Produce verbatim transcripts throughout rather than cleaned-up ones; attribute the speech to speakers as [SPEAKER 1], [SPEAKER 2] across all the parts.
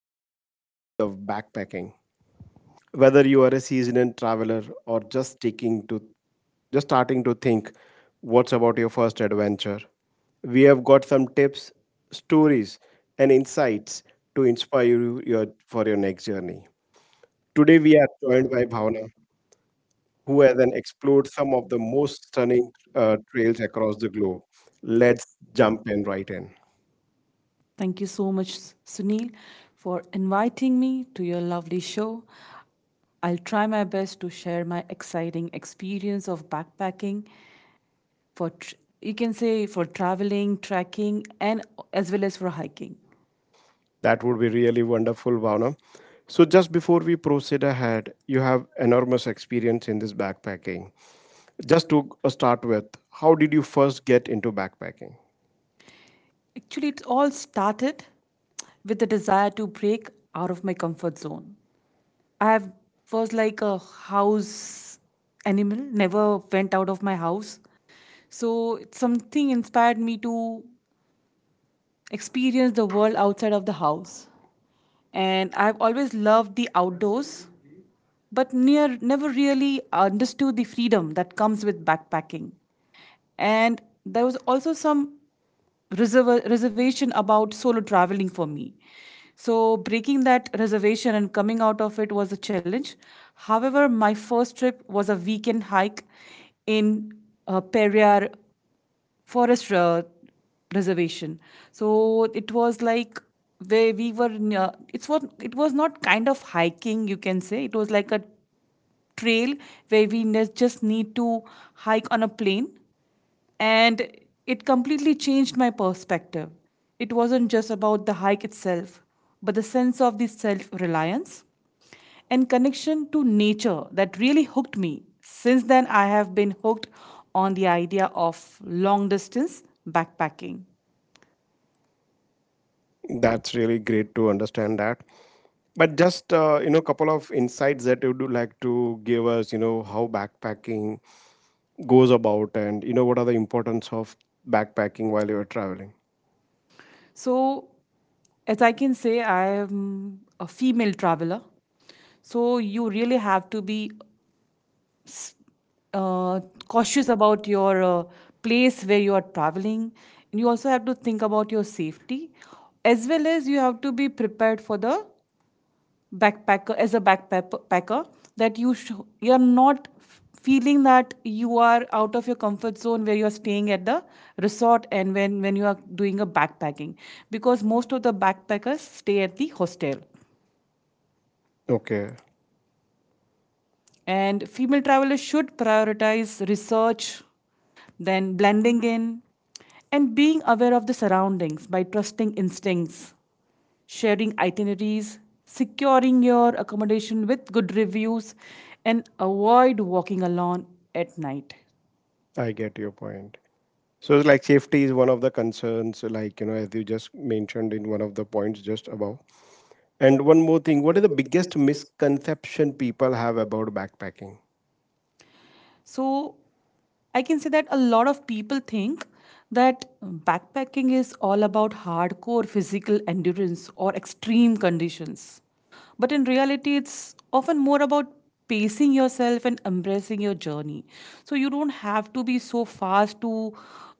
[SPEAKER 1] diving into the world of backpacking. Whether you are a seasoned traveler or just taking to just starting to think, what's about your first adventure? We have got some tips, stories, and insights to inspire you your, for your next journey. Today we are joined by Bhavna, who has then explored some of the most stunning uh, trails across the globe. Let's jump in right in.
[SPEAKER 2] Thank you so much, Sunil, for inviting me to your lovely show. I'll try my best to share my exciting experience of backpacking for tr- you can say for traveling, trekking, and as well as for hiking.
[SPEAKER 1] That would be really wonderful, Bhavna. So, just before we proceed ahead, you have enormous experience in this backpacking. Just to uh, start with, how did you first get into backpacking?
[SPEAKER 2] Actually, it all started with the desire to break out of my comfort zone. I have, was like a house animal, never went out of my house. So it's something inspired me to experience the world outside of the house. And I've always loved the outdoors, but near never really understood the freedom that comes with backpacking. And there was also some reserva- reservation about solo traveling for me. So, breaking that reservation and coming out of it was a challenge. However, my first trip was a weekend hike in uh, Periyar forest uh, reservation. So it was like where we were near, it's what it was not kind of hiking, you can say it was like a trail where we ne- just need to hike on a plane, and it completely changed my perspective. It wasn't just about the hike itself, but the sense of the self reliance and connection to nature that really hooked me. Since then, I have been hooked on the idea of long distance backpacking.
[SPEAKER 1] That's really great to understand that. But just uh, you know, couple of insights that you would like to give us. You know how backpacking goes about, and you know what are the importance of backpacking while you are traveling.
[SPEAKER 2] So, as I can say, I am a female traveler. So, you really have to be uh, cautious about your uh, place where you are traveling. And you also have to think about your safety, as well as you have to be prepared for the backpacker as a backpacker, that you sh- you are not f- feeling that you are out of your comfort zone, where you are staying at the resort. And when when you are doing a backpacking, because most of the backpackers stay at the hostel.
[SPEAKER 1] Okay,
[SPEAKER 2] And female travelers should prioritize research, then blending in, and being aware of the surroundings by trusting instincts, sharing itineraries, securing your accommodation with good reviews, and avoid walking alone at night.
[SPEAKER 1] I get your point. So it's like safety is one of the concerns, like you know, as you just mentioned in one of the points just above. And one more thing, what is the biggest misconception people have about backpacking?
[SPEAKER 2] So I can say that a lot of people think that backpacking is all about hardcore physical endurance or extreme conditions. But in reality, it's often more about pacing yourself and embracing your journey. So you don't have to be so fast to,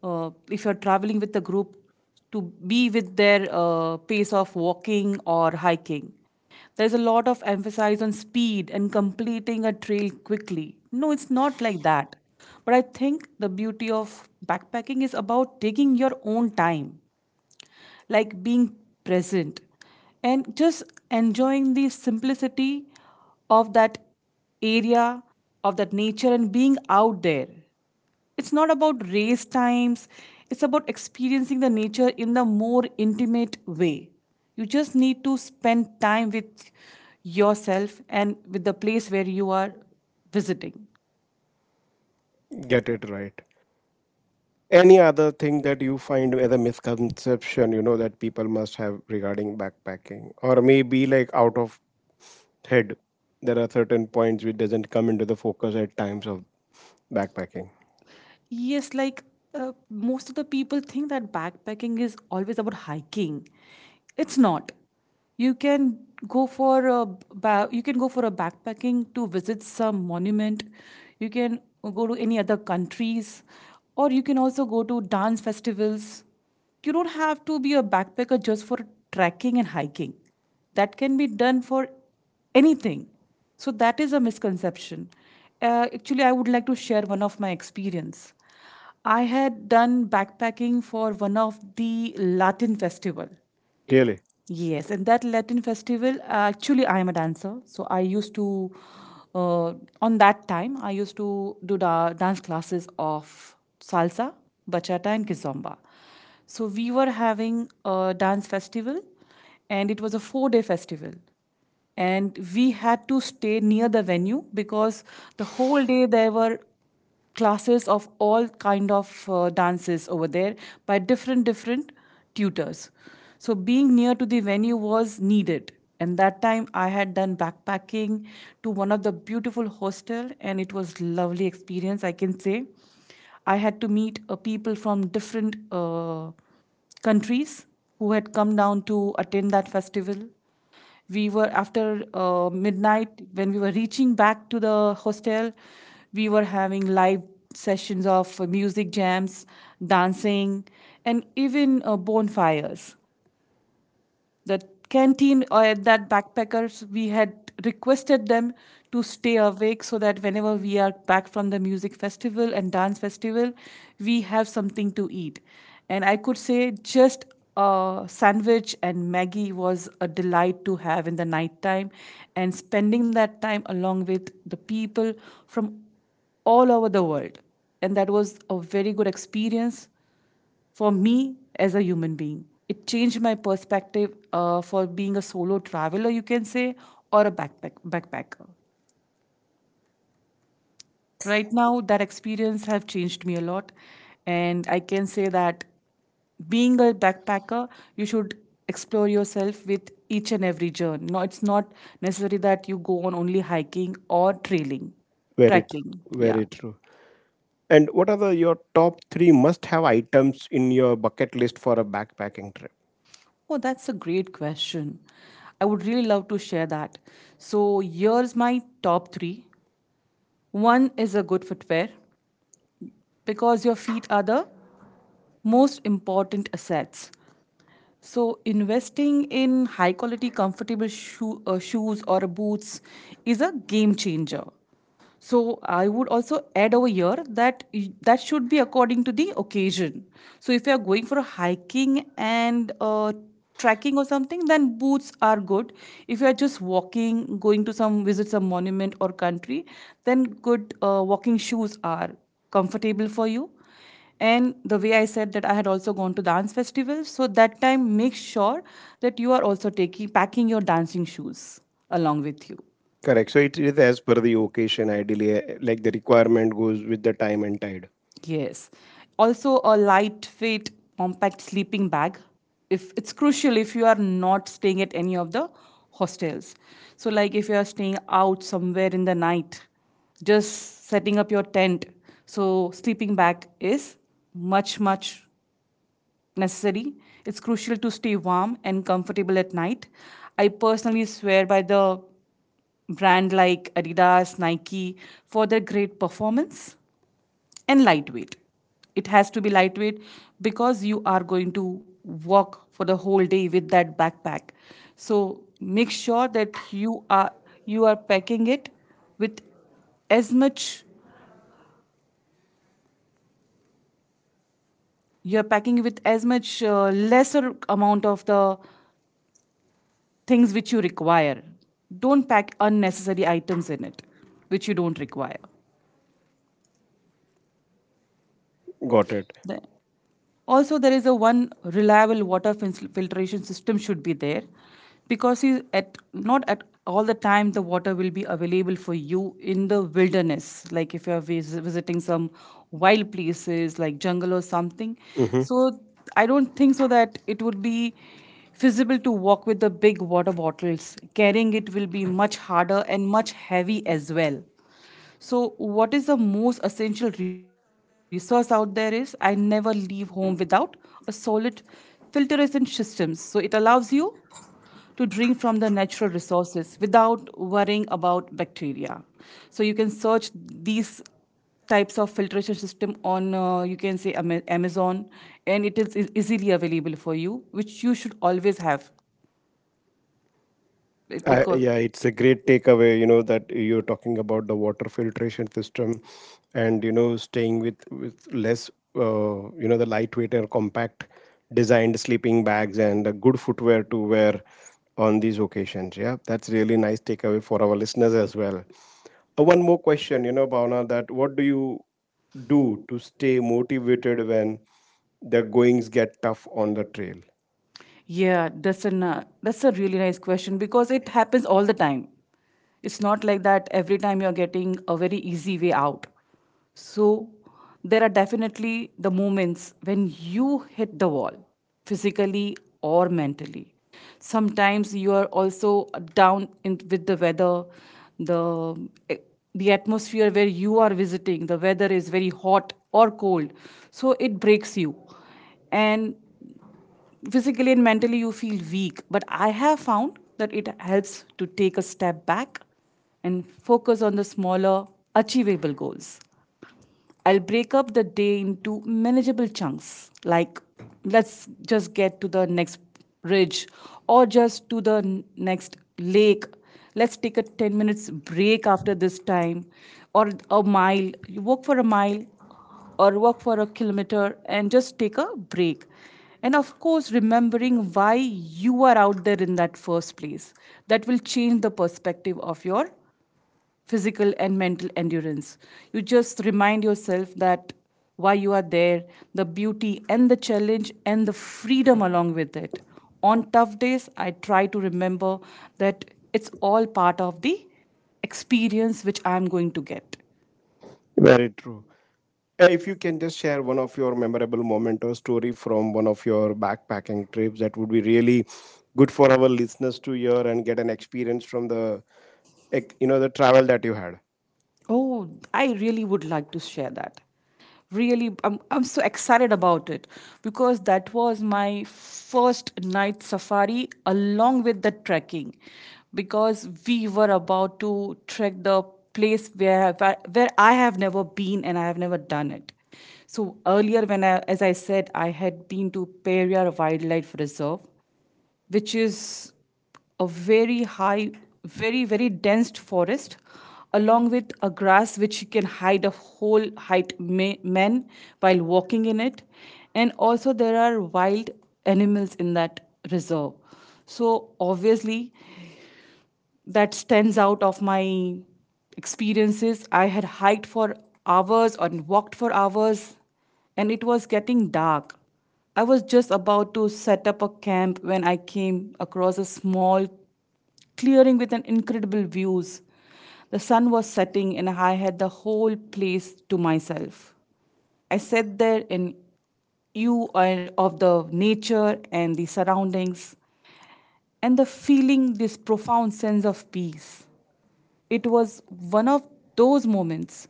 [SPEAKER 2] uh, if you're traveling with a group, to be with their uh, pace of walking or hiking. There's a lot of emphasis on speed and completing a trail quickly. No, it's not like that. But I think the beauty of backpacking is about taking your own time, like being present and just enjoying the simplicity of that area, of that nature, and being out there. It's not about race times, it's about experiencing the nature in the more intimate way. You just need to spend time with yourself and with the place where you are visiting.
[SPEAKER 1] Get it right. Any other thing that you find as a misconception, you know, that people must have regarding backpacking, or maybe like out of head, there are certain points which doesn't come into the focus at times of backpacking.
[SPEAKER 2] Yes, like uh, most of the people think that backpacking is always about hiking. It's not. You can go for a ba- you can go for a backpacking to visit some monument. You can go to any other countries, or you can also go to dance festivals. You don't have to be a backpacker just for trekking and hiking. That can be done for anything, so that is a misconception. Uh, actually i would like to share one of my experience. I had done backpacking for one of the Latin festival.
[SPEAKER 1] Really,
[SPEAKER 2] Yes, and that Latin festival, uh, actually, I am a dancer. So I used to, uh, on that time, I used to do da- dance classes of salsa, bachata, and kizomba. So we were having a dance festival, and it was a four day festival. And we had to stay near the venue, because the whole day there were classes of all kind of uh, dances over there by different different tutors. So being near to the venue was needed, and that time I had done backpacking to one of the beautiful hostel, and it was lovely experience, I can say. I had to meet uh, people from different uh, countries who had come down to attend that festival. We were after uh, midnight when we were reaching back to the hostel. We were having live sessions of music jams, dancing, and even uh, bonfires. The canteen or that backpackers, we had requested them to stay awake, so that whenever we are back from the music festival and dance festival, we have something to eat. And I could say just a sandwich and maggie was a delight to have in the night time. And spending that time along with the people from all over the world, and that was a very good experience for me as a human being. It changed my perspective uh, for being a solo traveler, you can say, or a backpack backpacker. Right now, that experience have changed me a lot, and I can say that being a backpacker, you should explore yourself with each and every journey. No, it's not necessary that you go on only hiking or trailing,
[SPEAKER 1] very, tr-
[SPEAKER 2] trekking. Yeah.
[SPEAKER 1] very true. And what are the your top three must-have items in your bucket list for a backpacking trip?
[SPEAKER 2] Oh, that's a great question. I would really love to share that. So here's my top three. One is a good footwear, because your feet are the most important assets. So, investing in high quality, comfortable shoe, uh, shoes or boots is a game changer. So I would also add over here that y- that should be according to the occasion. So if you are going for a hiking and uh, trekking or something, then boots are good. If you are just walking, going to some visit some monument or country, then good uh, walking shoes are comfortable for you. And the way I said that I had also gone to dance festivals, so that time make sure that you are also taking packing your dancing shoes along with you.
[SPEAKER 1] Correct. So it is as per the occasion, ideally, eh, like the requirement goes with the time and tide.
[SPEAKER 2] Yes. Also, a lightweight, compact sleeping bag. If it's crucial if you are not staying at any of the hostels. So, like if you are staying out somewhere in the night, just setting up your tent. So, sleeping bag is much, much necessary. It's crucial to stay warm and comfortable at night. I personally swear by the brand like Adidas, Nike for their great performance and lightweight. It has to be lightweight because you are going to walk for the whole day with that backpack. So make sure that you are you are packing it with as much you are packing with as much uh, lesser amount of the things which you require. Don't pack unnecessary items in it which you don't require.
[SPEAKER 1] Got it.
[SPEAKER 2] The- Also there is a one reliable water fil- filtration system should be there, because is at not at all the time the water will be available for you in the wilderness, like if you are vis- visiting some wild places like jungle or something.
[SPEAKER 1] Mm-hmm.
[SPEAKER 2] So I don't think so that it would be feasible to walk with the big water bottles, carrying it will be much harder and much heavy as well. So, what is the most essential resource out there is I never leave home without a solid filtration systems. So, it allows you to drink from the natural resources without worrying about bacteria. So, you can search these types of filtration system on uh, you can say Ama- amazon, and it is e- easily available for you, which you should always have. It-
[SPEAKER 1] Uh,
[SPEAKER 2] because
[SPEAKER 1] yeah, it's a great takeaway. You know that you're talking about the water filtration system, and you know staying with with less, uh, you know, the lightweight or compact designed sleeping bags and a good footwear to wear on these occasions. Yeah, that's really nice takeaway for our listeners as well. Uh, one more question, you know, Bhavna, that what do you do to stay motivated when the goings get tough on the trail?
[SPEAKER 2] Yeah, that's an uh, that's a really nice question, because it happens all the time. It's not like that every time you're getting a very easy way out. So there are definitely the moments when you hit the wall, physically or mentally. Sometimes you are also down in, with the weather, the the atmosphere where you are visiting, the weather is very hot or cold, so it breaks you, and physically and mentally you feel weak. But I have found that it helps to take a step back and focus on the smaller achievable goals. I'll break up the day into manageable chunks, like let's just get to the next ridge or just to the n- next lake. Let's take a ten minutes break after this time or a mile. You walk for a mile or walk for a kilometer and just take a break. And of course, remembering why you are out there in that first place. That will change the perspective of your physical and mental endurance. You just remind yourself that why you are there, the beauty and the challenge and the freedom along with it. On tough days, I try to remember that it's all part of the experience which I'm going to get.
[SPEAKER 1] Very true. Uh, If you can just share one of your memorable moment or story from one of your backpacking trips, that would be really good for our listeners to hear and get an experience from the, ex- you know, the travel that you
[SPEAKER 2] Oh, I really would like to share that. Really, I'm, I'm so excited about it, because that was my first night safari along with the trekking, because we were about to trek the place where I- where I have never been and I have never done it. So earlier when I as I said I had been to Periyar Wildlife Reserve which is a very high, very, very dense forest, along with a grass which can hide a whole height ma- man while walking in it. And also, there are wild animals in that reserve. So, obviously, that stands out of my experiences. I had hiked for hours and walked for hours, and it was getting dark. I was just about to set up a camp when I came across a small clearing with an incredible views. The sun was setting and I had the whole place to myself. I sat there in you of the nature and the surroundings and the feeling this profound sense of peace, it was one of those moments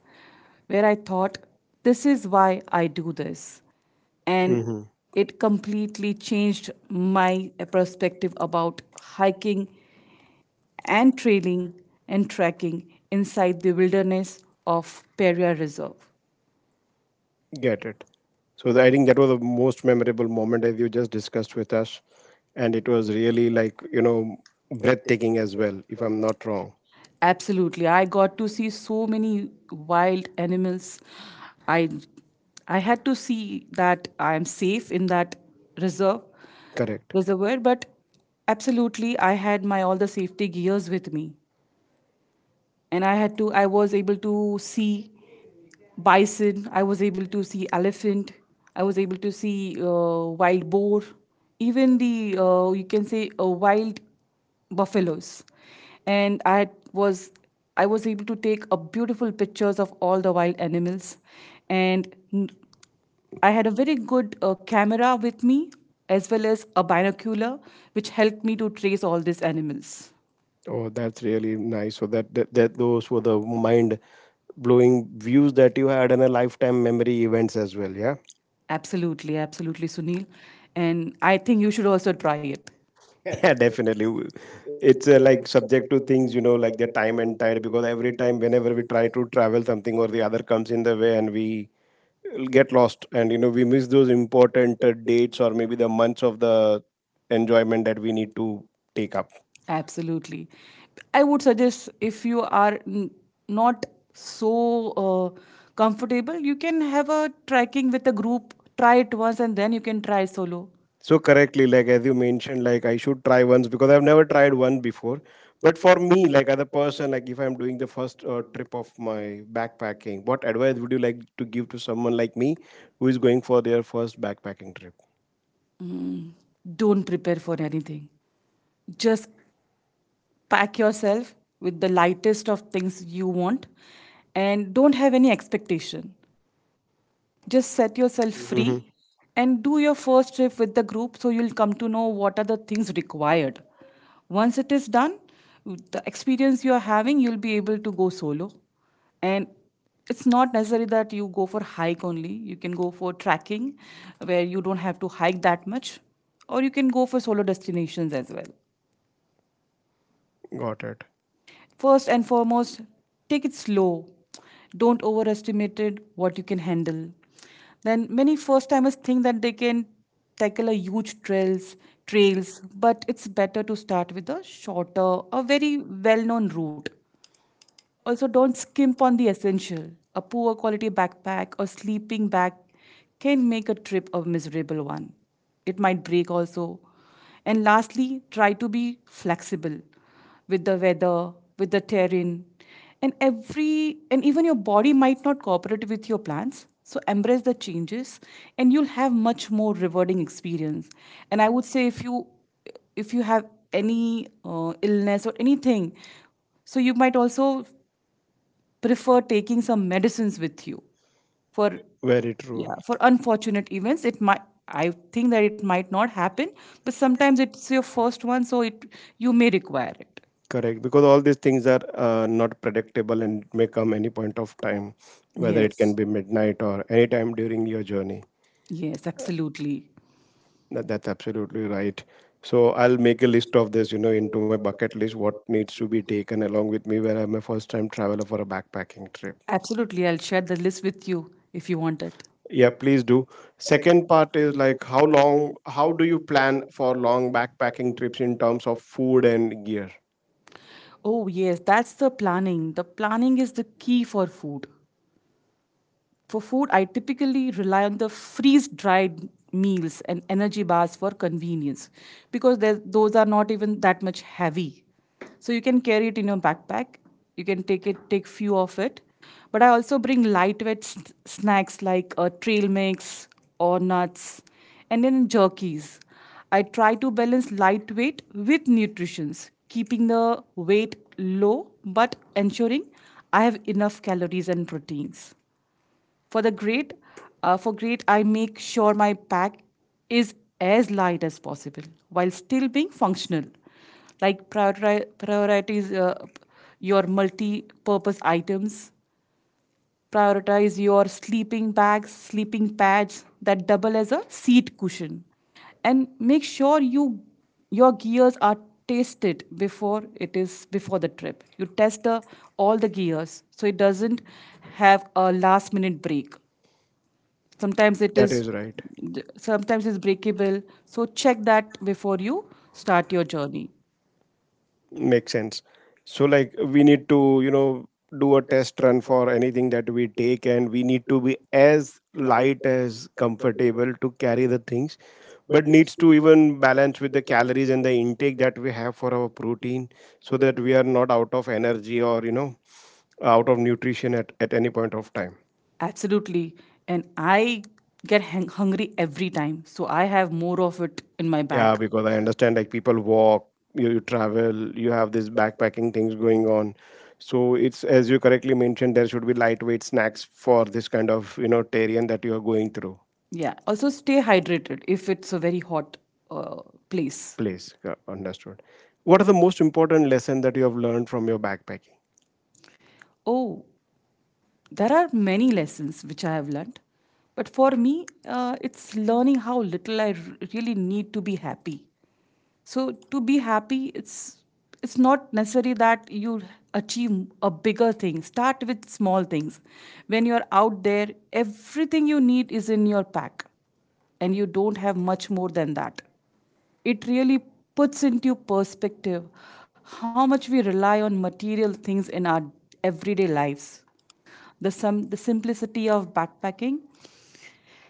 [SPEAKER 2] where I thought, this is why I do this. And
[SPEAKER 1] had.
[SPEAKER 2] it completely changed my perspective about hiking and trailing and trekking inside the wilderness of Peria Reserve.
[SPEAKER 1] Get it. So the- I think that was the most memorable moment as you just discussed with us, and it was really like you know breathtaking as well, if I'm not wrong.
[SPEAKER 2] Absolutely. I got to see so many wild animals. I I had to see that I am safe in that reserve.
[SPEAKER 1] Correct.
[SPEAKER 2] Was aware but absolutely I had my all the safety gears with me, and i had to I was able to see bison, I was able to see elephant, I was able to see uh, wild boar, even the uh, you can say uh, wild buffaloes, and i was I was able to take a beautiful pictures of all the wild animals, and I had a very good uh, camera with me, as well as a binocular, which helped me to trace all these animals.
[SPEAKER 1] Oh, that's really nice. So that that, that those were the mind blowing views that you had and a lifetime memory events as well. Yeah.
[SPEAKER 2] Absolutely, absolutely, Sunil. And I think you should also try it.
[SPEAKER 1] Yeah, definitely. It's uh, like subject to things, you know, like the time and tide, because every time, whenever we try to travel, something or the other comes in the way and we uh, get lost. And, you know, we miss those important uh, dates or maybe the months of the enjoyment that we need to take up.
[SPEAKER 2] Absolutely. I would suggest if you are n- not so uh, comfortable, you can have a trekking with a group, try it once, and then you can try solo.
[SPEAKER 1] So correctly, like as you mentioned, like I should try once because I've never tried one before. But for me, like other person, like if I'm doing the first uh, trip of my backpacking, what advice would you like to give to someone like me who is going for their first backpacking trip?
[SPEAKER 2] Mm, don't prepare for anything. Just pack yourself with the lightest of things you want and don't have any expectation, just set yourself
[SPEAKER 1] Mm-hmm.
[SPEAKER 2] free and do your first trip with the group, so you'll come to know what are the things required. Once it is done, the experience you are having, you'll be able to go solo. And it's not necessary that you go for hike only, you can go for trekking where you don't have to hike that much, or you can go for solo destinations as well.
[SPEAKER 1] Got it.
[SPEAKER 2] First and foremost, take it slow. Don't overestimate it, what you can handle. Then many first timers think that they can tackle a huge trails, trails, but it's better to start with a shorter, a very well-known route. Also, don't skimp on the essential. A poor quality backpack or sleeping bag can make a trip a miserable one. It might break also. And lastly, try to be flexible with the weather, with the terrain, and every and even your body might not cooperate with your plans. So embrace the changes, and you'll have much more rewarding experience. And I would say if you if you have any uh, illness or anything, so you might also prefer taking some medicines with you for,
[SPEAKER 1] Very true.
[SPEAKER 2] yeah, for unfortunate events, it might, I think that it might not happen, but sometimes it's your first one, so it, you may require it.
[SPEAKER 1] Correct. Because all these things are uh, not predictable and may come any point of time, whether it can
[SPEAKER 2] Yes,
[SPEAKER 1] be midnight or any time during your journey.
[SPEAKER 2] yes, absolutely.
[SPEAKER 1] That, that's absolutely right. So I'll make a list of this, you know, into my bucket list, what needs to be taken along with me where I'm a first time traveler for a backpacking trip.
[SPEAKER 2] Absolutely, I'll share the list with you if you want it.
[SPEAKER 1] Yeah, please do. Second part is like how long, how do you plan for long backpacking trips in terms of food and gear?
[SPEAKER 2] Oh yes, that's the planning, the planning is the key for food. For food, I typically rely on the freeze dried meals and energy bars for convenience because there- those are not even that much heavy. So you can carry it in your backpack. You can take it, take few of it. But I also bring lightweight s- snacks like uh, trail mix or nuts, and then jerkies. I try to balance lightweight with nutrition, keeping the weight low but ensuring I have enough calories and proteins. For the great, uh, for great, I make sure my pack is as light as possible while still being functional. Like prioritize, prioritize uh, your multi-purpose items. Prioritize your sleeping bags, sleeping pads that double as a seat cushion, and make sure you your gears are tested before it is before the trip. You test the, all the gears so it doesn't have a last minute break. Sometimes it is
[SPEAKER 1] That is right.
[SPEAKER 2] right. Sometimes it's breakable, so check that before you start your journey.
[SPEAKER 1] Makes sense. So, like, we need to, you know, do a test run for anything that we take, and we need to be as light as comfortable to carry the things, but needs to even balance with the calories and the intake that we have for our protein so that we are not out of energy or, you know, out of nutrition at, at any point of time.
[SPEAKER 2] Absolutely. And I get hung- hungry every time, so I have more of it in my, yeah,
[SPEAKER 1] Yeah,
[SPEAKER 2] bag.
[SPEAKER 1] because I understand like people walk, you, you travel, you have this backpacking things going on. So it's as you correctly mentioned, there should be lightweight snacks for this kind of you know terrain that you are going through.
[SPEAKER 2] Yeah, also stay hydrated if it's a very hot uh, place.
[SPEAKER 1] Place. Yeah, understood. What are the most important lesson that you have learned from your backpacking?
[SPEAKER 2] Oh, there are many lessons which I have learned, but for me, uh, it's learning how little I r- really need to be happy. So to be happy, it's it's not necessary that you achieve a bigger thing. Start with small things. When you're out there, everything you need is in your pack, and you don't have much more than that. It really puts into perspective how much we rely on material things in our everyday lives. The, sim- the simplicity of backpacking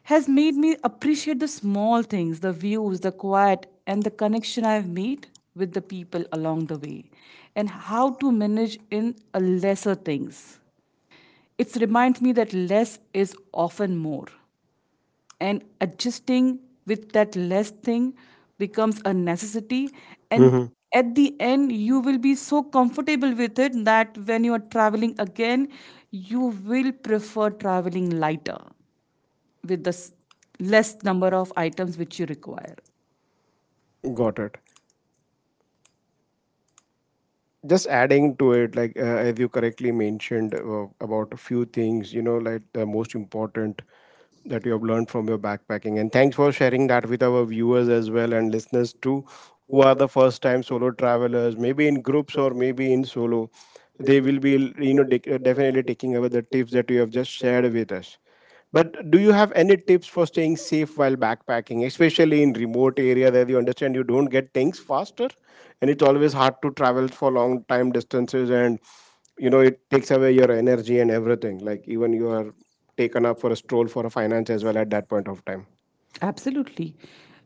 [SPEAKER 2] has made me appreciate the small things, the views, the quiet, and the connection I've made with the people along the way, and how to manage in a lesser things. It reminds me that less is often more, and adjusting with that less thing becomes a necessity. And hmm,
[SPEAKER 1] Hmm.
[SPEAKER 2] at the end you will be so comfortable with it that when you are traveling again, you will prefer traveling lighter with the s- less number of items which you require.
[SPEAKER 1] Got it. Just adding to it like uh, as you correctly mentioned uh, about a few things you know like the most important that you have learned from your backpacking, and thanks for sharing that with our viewers as well and listeners too who are the first time solo travelers maybe in groups or maybe in solo. They will be, you know, dec- definitely taking over the tips that you have just shared with us. But do you have any tips for staying safe while backpacking, especially in remote area that you understand you don't get things faster, and it's always hard to travel for long time distances, and you know it takes away your energy and everything. Like even you are taken up for a stroll for a finance as well at that point of time.
[SPEAKER 2] Absolutely.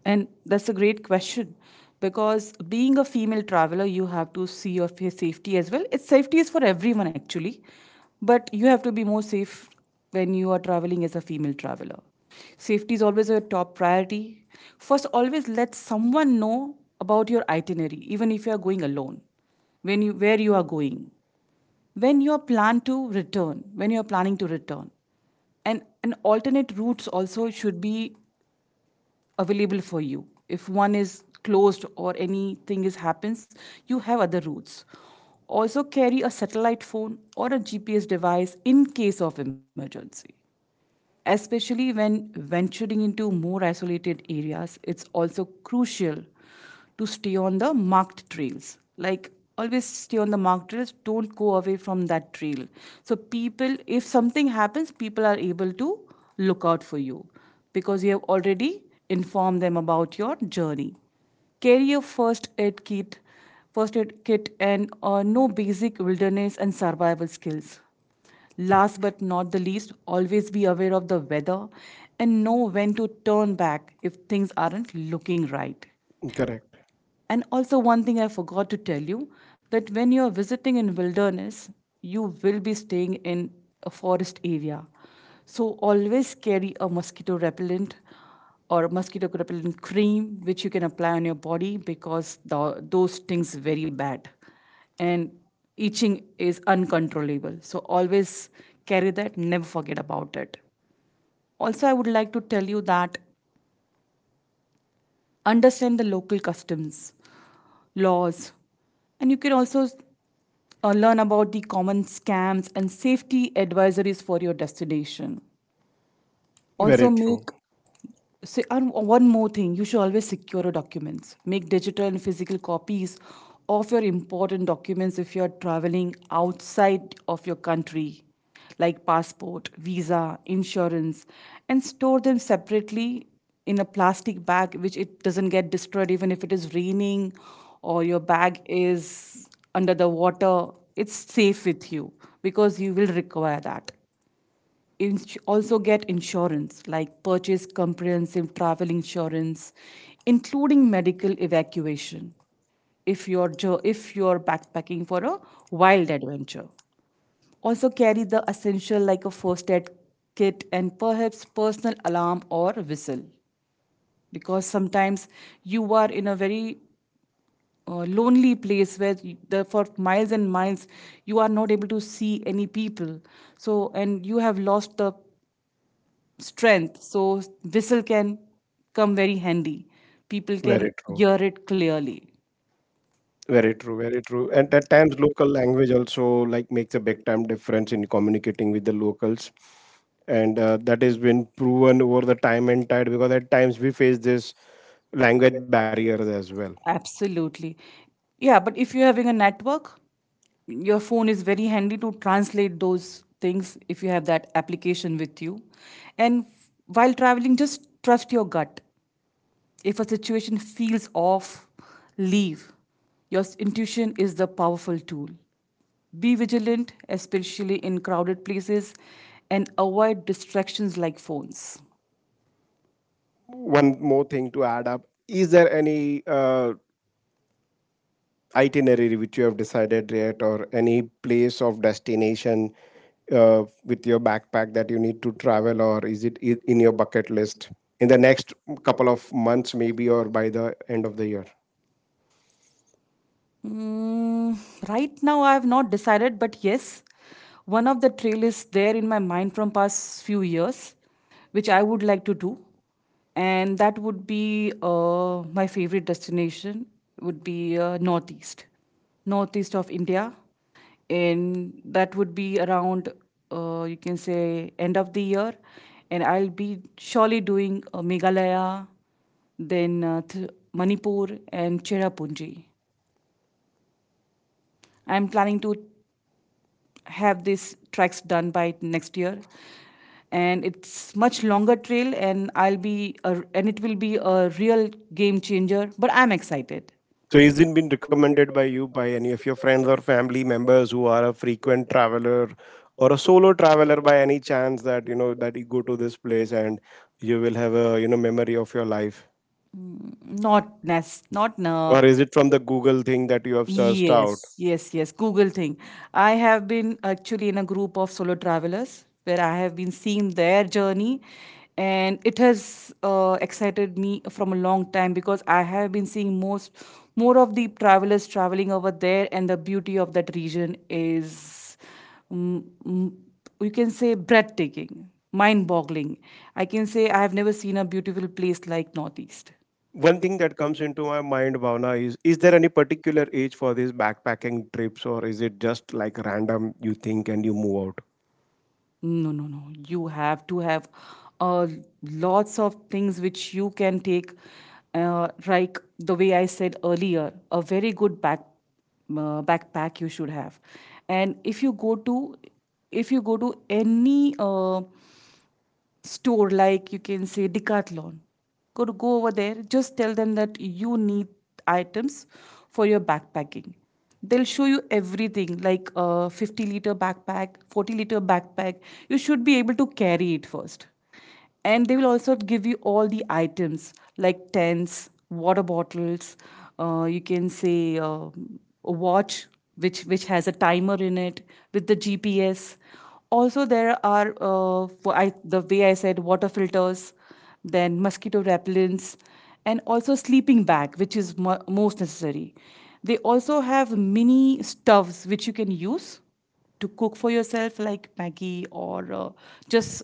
[SPEAKER 2] And that's a great question because being a female traveler, you have to see of your safety as well. It's safety is for everyone actually, but you have to be more safe when you are traveling as a female traveler. Safety is always your top priority. First, always let someone know about your itinerary, even if you are going alone, when you where you are going, when you are plan to return, when you are planning to return, and an alternate routes also should be available for you. If one is closed or anything is happens, you have other routes. Also carry a satellite phone or a G P S device in case of emergency. Especially when venturing into more isolated areas, it's also crucial to stay on the marked trails. Like, always stay on the marked trails, don't go away from that trail. So people, if something happens, people are able to look out for you because you have already informed them about your journey. Carry a first aid kit, first aid kit, and uh, know basic wilderness and survival skills. Last but not the least, always be aware of the weather and know when to turn back if things aren't looking right.
[SPEAKER 1] Correct.
[SPEAKER 2] And also, one thing I forgot to tell you that when you're visiting in wilderness, you will be staying in a forest area. So, always carry a mosquito repellent or mosquito repellent cream which you can apply on your body because the, those stings very bad and itching is uncontrollable. So, always carry that, never forget about it. Also, I would like to tell you that understand the local customs, laws, and you can also uh, learn about the common scams and safety advisories for your destination. Also,
[SPEAKER 1] Very
[SPEAKER 2] correct,
[SPEAKER 1] true.
[SPEAKER 2] make so, and one more thing, you should always secure your documents. Make digital and physical copies of your important documents if you're traveling outside of your country, like passport, visa, insurance, and store them separately in a plastic bag, which it doesn't get destroyed even if it is raining or your bag is under the water. It's safe with you because you will require that. Ins- also get insurance, like purchase comprehensive travel insurance including medical evacuation if you're jo- if you're backpacking for a wild adventure. Also carry the essential like a first aid kit and perhaps personal alarm or whistle because sometimes you are in a very uh, lonely place where you- the, for miles and miles you are not able to see any people, so, and you have lost the strength, so whistle can come very handy, people can
[SPEAKER 1] Very true.
[SPEAKER 2] hear it clearly.
[SPEAKER 1] Very true, very true. And at times, local language also like makes a big time difference in communicating with the locals, and uh, that has been proven over the time and tide because at times we face this language barriers as well.
[SPEAKER 2] Absolutely. Yeah, but if you're having a network, your phone is very handy to translate those things if you have that application with you. And f- while traveling, just trust your gut, if a situation feels off, leave. your s- intuition is the powerful tool. Be vigilant, especially in crowded places, and avoid distractions like phones.
[SPEAKER 1] One more thing to add up: is there any uh, itinerary which you have decided yet or any place of destination uh, with your backpack that you need to travel, or is it i- in your bucket list in the next couple of months maybe or by the end of the year?
[SPEAKER 2] Mm, right now, I have not decided, but yes, one of the trail is there in my mind from past few years, which I would like to do, and that would be uh, my favorite destination would be uh, northeast, northeast of India, and that would be around uh, you can say end of the year, and I'll be surely doing uh, Meghalaya, then uh, th- Manipur and Cherrapunji. I'm planning to have these tracks done by next year, and it's much longer trail, and I'll be a, and it will be a real game changer. But I'm excited.
[SPEAKER 1] So is it been recommended by you by any of your friends or family members who are a frequent traveler or a solo traveler by any chance that you know that you go to this place and you will have a you know memory of your life,
[SPEAKER 2] Mm, Not nes, not no.
[SPEAKER 1] or is it from the Google thing that you have searched out?
[SPEAKER 2] Yes, yes, yes. Google thing. I have been actually in a group of solo travelers where I have been seeing their journey, and it has uh, excited me from a long time because I have been seeing most more of the travelers traveling over there, and the beauty of that region is, mm, mm, you can say, breathtaking, mind-boggling. I can say I have never seen a beautiful place like Northeast.
[SPEAKER 1] One thing that comes into my mind, Bhavna, is is there any particular age for these backpacking trips or is it just like random you think and you move out?
[SPEAKER 2] No, no, no. You have to have uh, lots of things which you can take. Uh, like the way I said earlier, a very good back uh, backpack you should have. And if you go to if you go to any uh, store like you can say Decathlon. Go to go over there. Just tell them that you need items for your backpacking. They'll show you everything like a fifty liter backpack, forty liter backpack. You should be able to carry it first, and they will also give you all the items like tents, water bottles, uh, you can say uh, a watch which which has a timer in it with the GPS. Also there are, uh, for I, the way I said, water filters, then mosquito repellents, and also sleeping bag, which is mo- most necessary. They also have mini stoves which you can use to cook for yourself, like maggie, or uh, just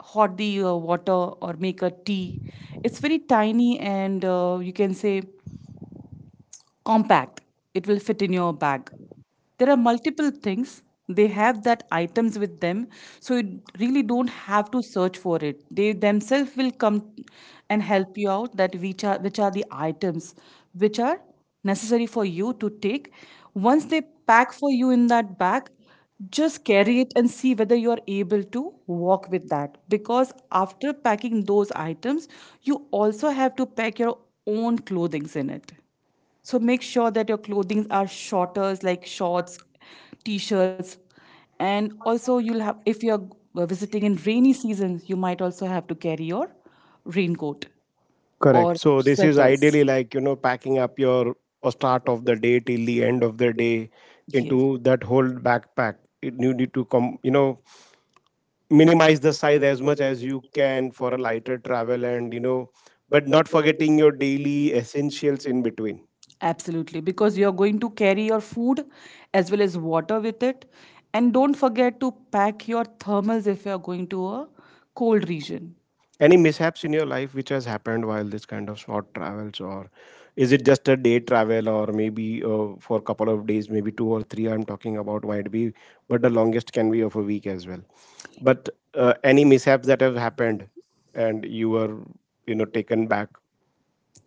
[SPEAKER 2] hot the uh, water or make a tea. It's very tiny and, uh, you can say, compact. It will fit in your bag. There are multiple things they have, that items with them, so you really don't have to search for it. They themselves will come and help you out that which are which are the items which are necessary for you to take. Once they pack for you in that bag, just carry it and see whether you are able to walk with that, because after packing those items you also have to pack your own clothings in it. So make sure that your clothings are shorter, like shorts, t-shirts, and also you'll have, if you're uh, visiting in rainy seasons, you might also have to carry your raincoat or
[SPEAKER 1] Correct. So this is
[SPEAKER 2] sweaters.
[SPEAKER 1] ideally like, you know, packing up your uh, start of the day till the end of the day
[SPEAKER 2] Yes,
[SPEAKER 1] into that whole backpack. It, you need to come, you know, minimize the size as much as you can for a lighter travel and, you know, but not forgetting your daily essentials in between.
[SPEAKER 2] absolutely, because you're going to carry your food as well as water with it, and don't forget to pack your thermals if you're going to a cold region.
[SPEAKER 1] Any mishaps in your life which has happened while this kind of short travels, or is it just a day travel, or maybe uh, for a couple of days, maybe two or three? I'm talking about might be, but the longest can be of a week as well. But uh, any mishaps that have happened, and you were, you know, taken back.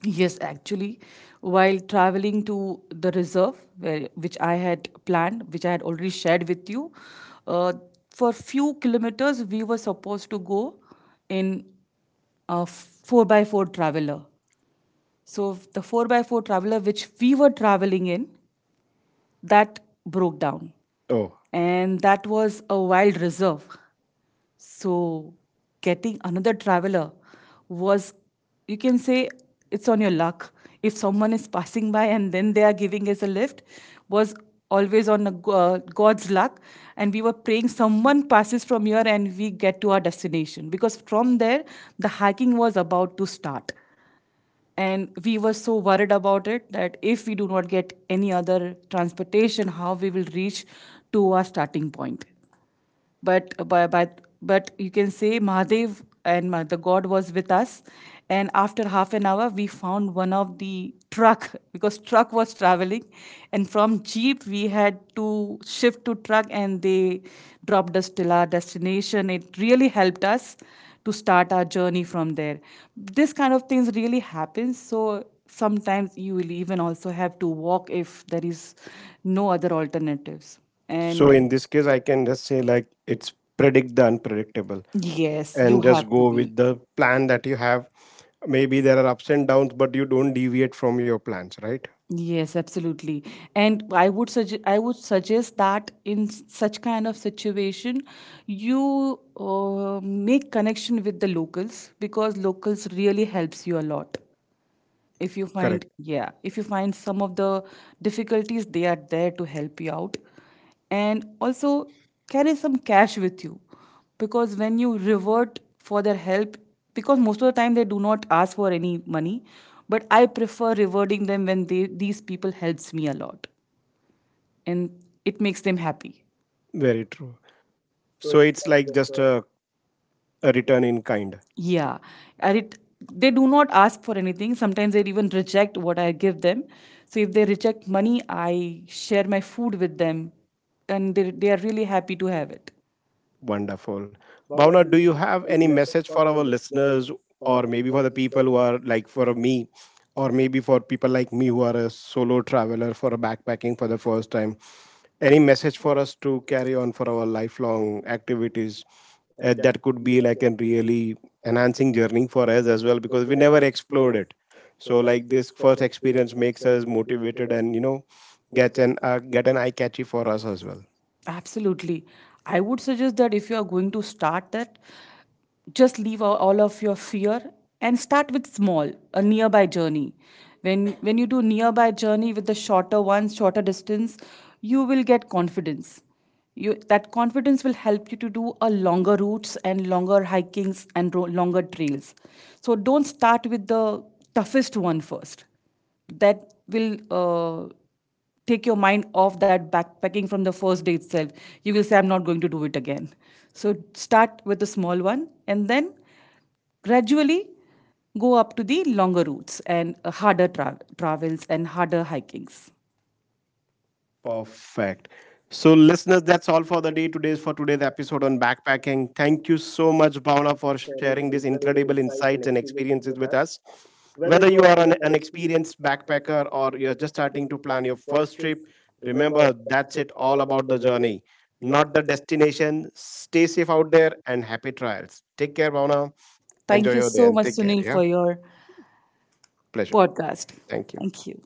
[SPEAKER 2] Yes, actually, while traveling to the reserve, where, which I had planned, which I had already shared with you, uh, for few kilometers we were supposed to go in a four by four traveler. So the four by four traveler which we were traveling in, that broke down,
[SPEAKER 1] Oh,
[SPEAKER 2] and that was a wild reserve. So, getting another traveler was, you can say, it's on your luck. If someone is passing by and then they are giving us a lift, was always on a go- uh, God's luck. And we were praying someone passes from here and we get to our destination. Because from there, the hiking was about to start. And we were so worried about it that if we do not get any other transportation, how we will reach to our starting point, but but but, but you can say Mahadev and Ma- the God was with us. And after half an hour, we found one of the truck, because truck was traveling, and from jeep we had to shift to truck, and they dropped us till our destination. It really helped us to start our journey from there. This kind of things really happens. So sometimes you will even also have to walk if there is no other alternatives.
[SPEAKER 1] so in
[SPEAKER 2] And
[SPEAKER 1] this case, I can just say like it's predict the unpredictable
[SPEAKER 2] yes, you
[SPEAKER 1] and just
[SPEAKER 2] have to
[SPEAKER 1] go
[SPEAKER 2] be.
[SPEAKER 1] with the plan that you have. Maybe there are ups and downs, but you don't deviate from your plans, right?
[SPEAKER 2] Yes, absolutely. And I would suggest I would suggest that in s- such kind of situation, you uh, make connection with the locals, because locals really helps you a lot. If you find,
[SPEAKER 1] Correct.
[SPEAKER 2] yeah, if you find some of the difficulties, they are there to help you out. And also carry some cash with you, because when you revert for their help, because most of the time they do not ask for any money, but I prefer rewarding them when they, these people helps me a lot, and it makes them happy.
[SPEAKER 1] Very true. So it's like just a, a return in kind.
[SPEAKER 2] Yeah, and it, they do not ask for anything. Sometimes they even reject what I give them. So if they reject money, I share my food with them, and they they are really happy to have it.
[SPEAKER 1] Wonderful. Bhavna, do you have any message for our listeners or maybe for the people who are like for me or maybe for people like me who are a solo traveler for a backpacking for the first time? Any message for us to carry on for our lifelong activities uh, that could be like a really enhancing journey for us as well because we never explored it. So like this first experience makes us motivated and you know get an uh, get an eye catchy for us as well.
[SPEAKER 2] Absolutely. I would suggest that if you are going to start that, just leave all all of your fear and start with small, a nearby journey. When when you do nearby journey with the shorter ones, shorter distance, you will get confidence. You That confidence will help you to do a longer routes and longer hikings and ro- longer trails. So don't start with the toughest one first, that will uh, take your mind off that backpacking from the first day itself. You will say, I'm not going to do it again. So start with a small one and then gradually go up to the longer routes and uh, harder tra- travels and harder hikings.
[SPEAKER 1] Perfect. So, listeners, that's all for the day. Today's for today's episode on backpacking. Thank you so much, Bhavna, for sharing these incredible insights and experiences with us. Whether you are an, an experienced backpacker or you're just starting to plan your first trip, remember that's it all about the journey, not the destination. Stay safe out there and happy trials. Take care, Bhavna.
[SPEAKER 2] Thank
[SPEAKER 1] Enjoy
[SPEAKER 2] you
[SPEAKER 1] your day
[SPEAKER 2] so
[SPEAKER 1] and
[SPEAKER 2] much,
[SPEAKER 1] take care.
[SPEAKER 2] Sunil, for
[SPEAKER 1] Yeah,
[SPEAKER 2] your
[SPEAKER 1] pleasure.
[SPEAKER 2] podcast.
[SPEAKER 1] Thank you.
[SPEAKER 2] Thank you.